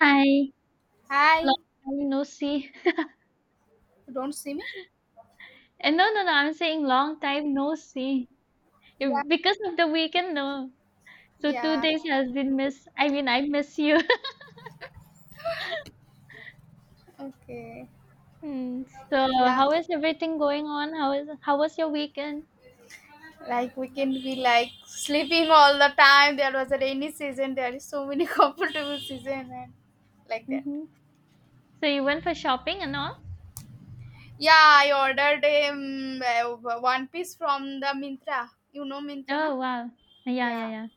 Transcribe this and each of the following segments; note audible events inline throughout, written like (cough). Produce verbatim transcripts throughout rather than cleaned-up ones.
Hi, Hi, long you time no see. don't see me? And no, no, no, I'm saying long time no see. You- Yeah, Because of the weekend, no. So two yeah, days has been miss. I mean, I miss you. (laughs) okay, Hmm, So yeah. how is everything going on? How is how was your weekend? Like we can be like sleeping all the time. There was a rainy season. There is so many (laughs) comfortable season and like that. Hmm. So you went for shopping and all? Yeah, I ordered um, uh, one piece from the Mintra. You know Mintra, na? Oh wow. Yeah, yeah, Yeah, yeah.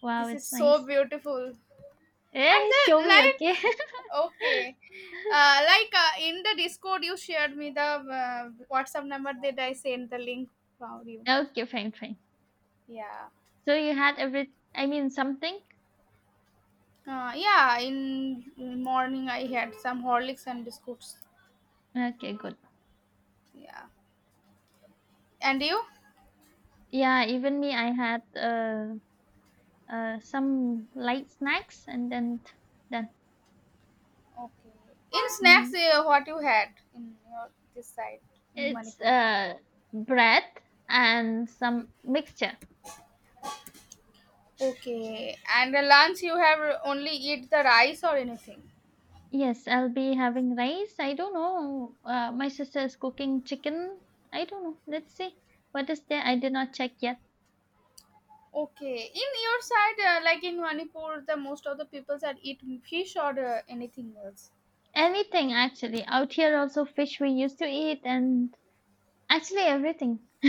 Wow, this is it's so nice. beautiful. And Eh, show the me, like, okay? (laughs) okay, uh, like uh, in the Discord you shared me the uh, WhatsApp number. Did I send the link for you? Okay, fine, fine. Yeah. So you had every, I mean, something? Uh, yeah, in morning I had some Horlicks and biscuits. Okay, good. Yeah. And you? Yeah, even me, I had uh uh, some light snacks and then done. Okay. In snacks, Mhm. uh, what you had in your this side in It's Manipur? uh, bread and some mixture. Okay. And the lunch you have only eat the rice or anything? Yes, I'll be having rice. I don't know. Uh, my sister is cooking chicken. I don't know. Let's see what is there. I did not check yet. Okay. In your side, uh, like in Manipur, the most of the people that eat fish or uh, anything else. Anything actually. Out here also fish we used to eat and actually everything. (laughs)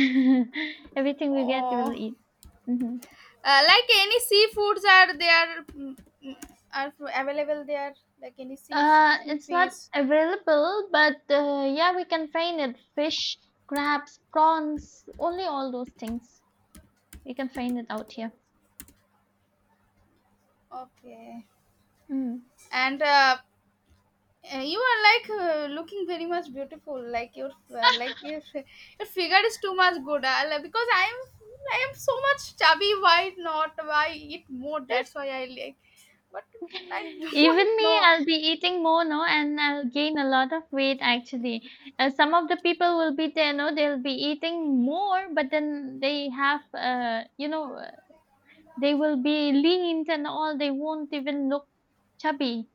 Everything we get we'll Oh. eat. Hmm. Uh, like any seafoods are there mm, mm, are available there like any sea Uh, sea It's not fish. available, but uh, yeah, we can find it. Fish, crabs, prawns, only all those things. We can find it out here. Okay. Mm. And uh, uh, you are like uh, looking very much beautiful, like your uh, like your, (laughs) your figure is too much good. I like- because i am i am so much chubby. Why not? Why eat more? That's why I like, but I (laughs) (laughs) Even don't me, know. I'll be eating more, no, and I'll gain a lot of weight actually. Uh, some of the people will be there, no, they'll be eating more, but then they have, uh, you know, uh, they will be leaned and all. They won't even look chubby.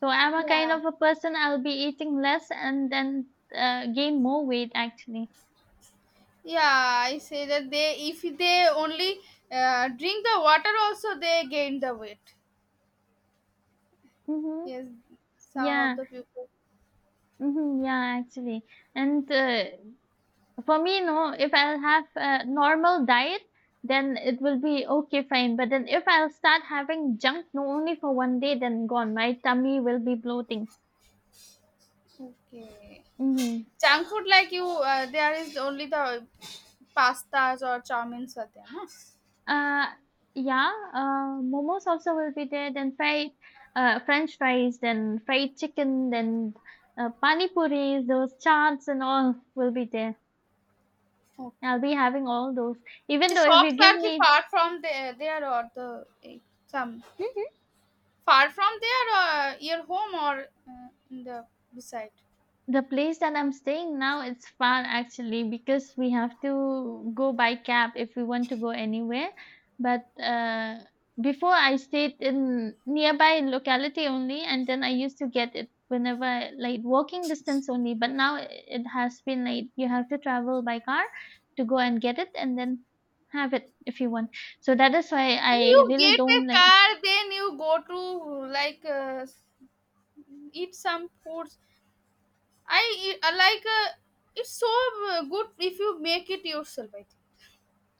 So I'm a kind Yeah, of a person I'll be eating less and then uh, gain more weight actually. yeah, I say that they, if they only uh, drink the water also, they gain the weight. Mhm. Yes, some of Yeah. the people. Mhm. Yeah, actually. And uh, for me, no, if I'll have a normal diet, then it will be okay, fine. But then if I'll start having junk, no, only for one day, then gone. My tummy will be bloating. Okay. Mhm. Junk food like you, uh, there is only the pastas or chow mein are there, no? Uh, yeah, uh, momos also will be there, then fried uh, French fries, then fried chicken, then uh, pani puris, those chaats and all will be there. I'll be Okay. having all those. Even The though if shops you give are ki me— far from there, there, or the eh, some Hmm? far from there, or your home, or uh, in the beside. The place that I'm staying now, it's far actually because we have to go by cab if we want to go anywhere. But uh, before I stayed in nearby locality only, and then I used to get it whenever, like walking distance only. But now it has been like you have to travel by car to go and get it, and then have it if you want. So that is why I You really get a don't like— car, then you go to like uh, eat some foods. I, I like uh, it's so uh, good if you make it yourself, I think.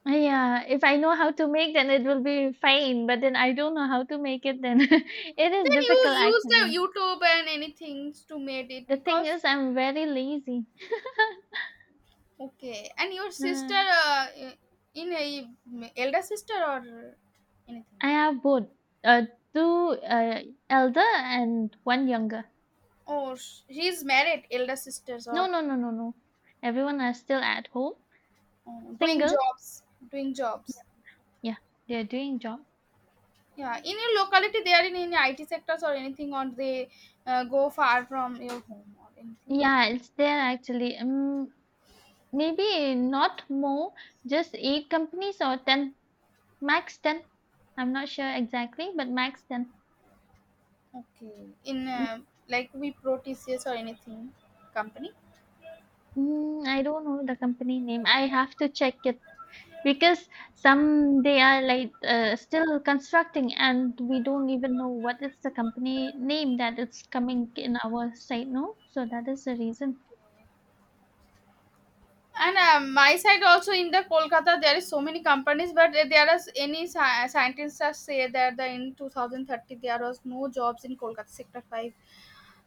Yeah, if I know how to make, then it will be fine. But then I don't know how to make it, then (laughs) it is Then you difficult use the actually. YouTube and anything to made it The thing because is, I'm very lazy. (laughs) okay. And your sister, Uh, uh, in a elder sister or anything? I have both, uh, two uh, elder and one younger. Oh, or she's married, elder sisters No, or no, no, no, no. Everyone are still at home, uh, doing single. jobs, doing jobs. Yeah, they're doing job. Yeah, in your locality they are in any I T sectors or anything, or they uh, go far from your home or anything. Yeah, it's there actually. Um, maybe not more, just eight companies or ten, max ten. I'm not sure exactly, but max ten. Okay, in Mm, uh, like we pro T C S or anything company. mm, I don't know the company name. I have to check it because some they are like uh, still constructing and we don't even know what is the company name that it's coming in our site, no? So that is the reason. And um, my side also in the Kolkata there is so many companies, but uh, there are any sci- scientists are say that the in twenty thirty there was no jobs in Kolkata sector five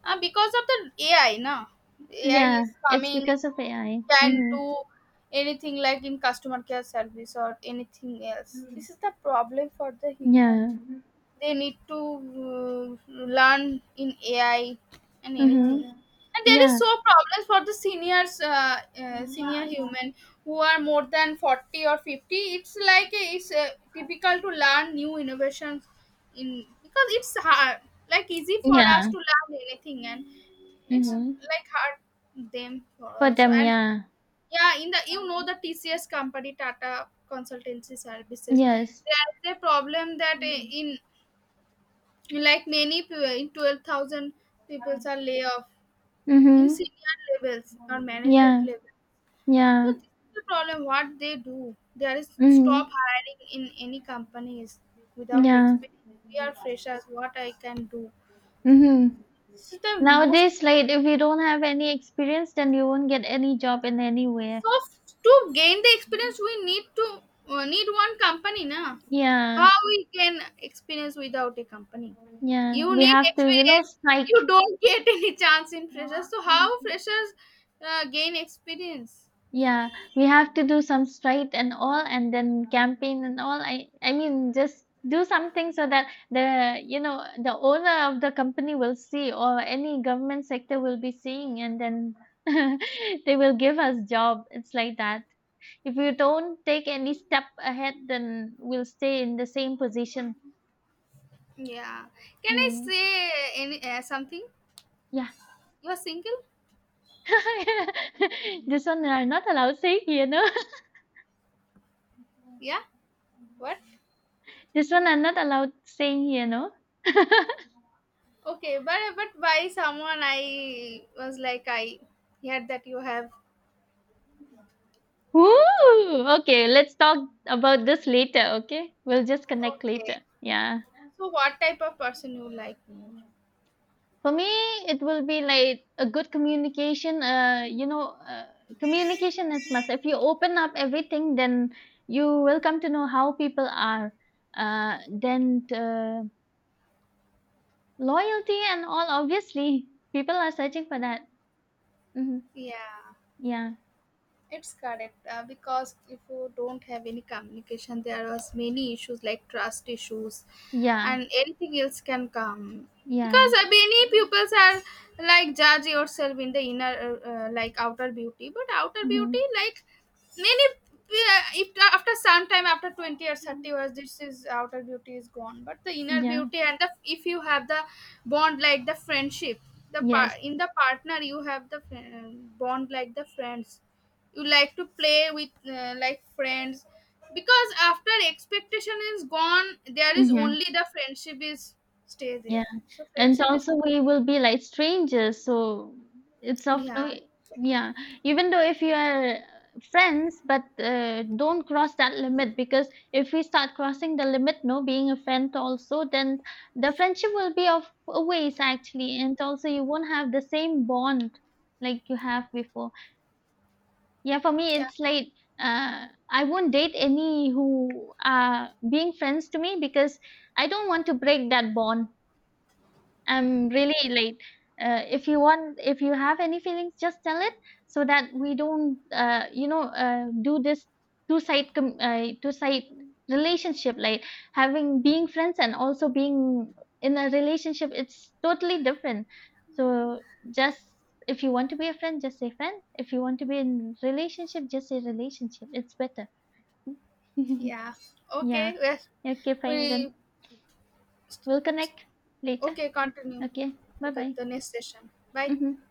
uh, because of the A I. Na, A I Yeah, is it's coming, because of A I. can Mm-hmm. do anything like in customer care service or anything else. This is the problem for the human. Yeah. They need to uh, learn in A I and anything. Mm-hmm. And there is Yeah. so problems for the seniors, uh, uh, senior human, who are more than forty or fifty. It's like uh, it's uh, typical to learn new innovations in because it's hard, like easy for us Yeah. to learn anything, and it's Mm-hmm. like hard them for For also. them, And yeah. yeah, in the you know the T C S company, Tata Consultancy Services, Yes. there is a problem that uh, in like many pe- twelve thousand people are laid off in Mm-hmm. senior levels or management Yeah. level. So Yeah. this is the problem. What they do, there is Mm-hmm. stop hiring in any companies without Yeah. experience. We are freshers. What I can do? Mm-hmm. This is the most. Nowadays, like if you don't have any experience, then you won't get any job in anywhere. So f- to gain the experience, we need to uh, need one company, na? Yeah, How we can experience without a company? yeah. You We need have to, you know, experience. You strike. don't get (laughs) any chance in freshers. So how freshers uh, gain experience? Yeah, we have to do some strike and all, and then campaign and all. I, I mean, just do something so that the, you know, the owner of the company will see, or any government sector will be seeing, and then (laughs) they will give us job. It's like that. If you don't take any step ahead, then we'll stay in the same position. Yeah. Can I Mm. say any uh, something? Yeah. You're single? (laughs) This one are not allowed saying here, no? (laughs) Yeah. What? This one I'm not allowed saying here, no? Okay, but but by someone I was like I heard that you have. Ooh, okay, let's talk about this later, okay? We'll just connect Okay. later. Yeah. So what type of person you like more? For me, it will be like a good communication, uh, you know, uh, communication is must. If you open up everything, then you will come to know how people are. Uh, then uh, Loyalty and all, obviously, people are searching for that. Hmm. Yeah. Yeah. It's correct, uh, because if you don't have any communication, there was many issues like trust issues, Yeah, and anything else can come. yeah. Because uh, many pupils are like judge yourself in the inner, uh, uh, like outer beauty, but outer Mhm. beauty like many. Uh, if after some time, after twenty or thirty years, this is outer beauty is gone. But the inner Yeah. beauty and the if you have the bond like the friendship, the Yes. par- in the partner you have the fri- bond like the friends you like to play with uh, like friends, because after expectation is gone, there is Mhm. only the friendship is stay Yeah. there. So And friendship is also we will be like strangers, so it's of no yeah, e, yeah. Even though if you are friends, but uh, don't cross that limit because if we start crossing the limit, no, being a friend also, then the friendship will be of a ways actually, and also you won't have the same bond like you have before. Yeah, for me, yeah, it's like uh, I won't date any who are being friends to me because I don't want to break that bond. I'm really late. Uh, if you want, if you have any feelings, just tell it so that we don't, uh, you know, uh, do this two side com- uh, two side relationship. Like having being friends and also being in a relationship, it's totally different. So just if you want to be a friend, just say friend. If you want to be in relationship, just say relationship. It's better. yeah, (laughs) Yeah. okay, yes, Okay, fine we then. We'll connect later. okay, continue. Okay. Bye Okay, bye. the next session, bye. Hmm.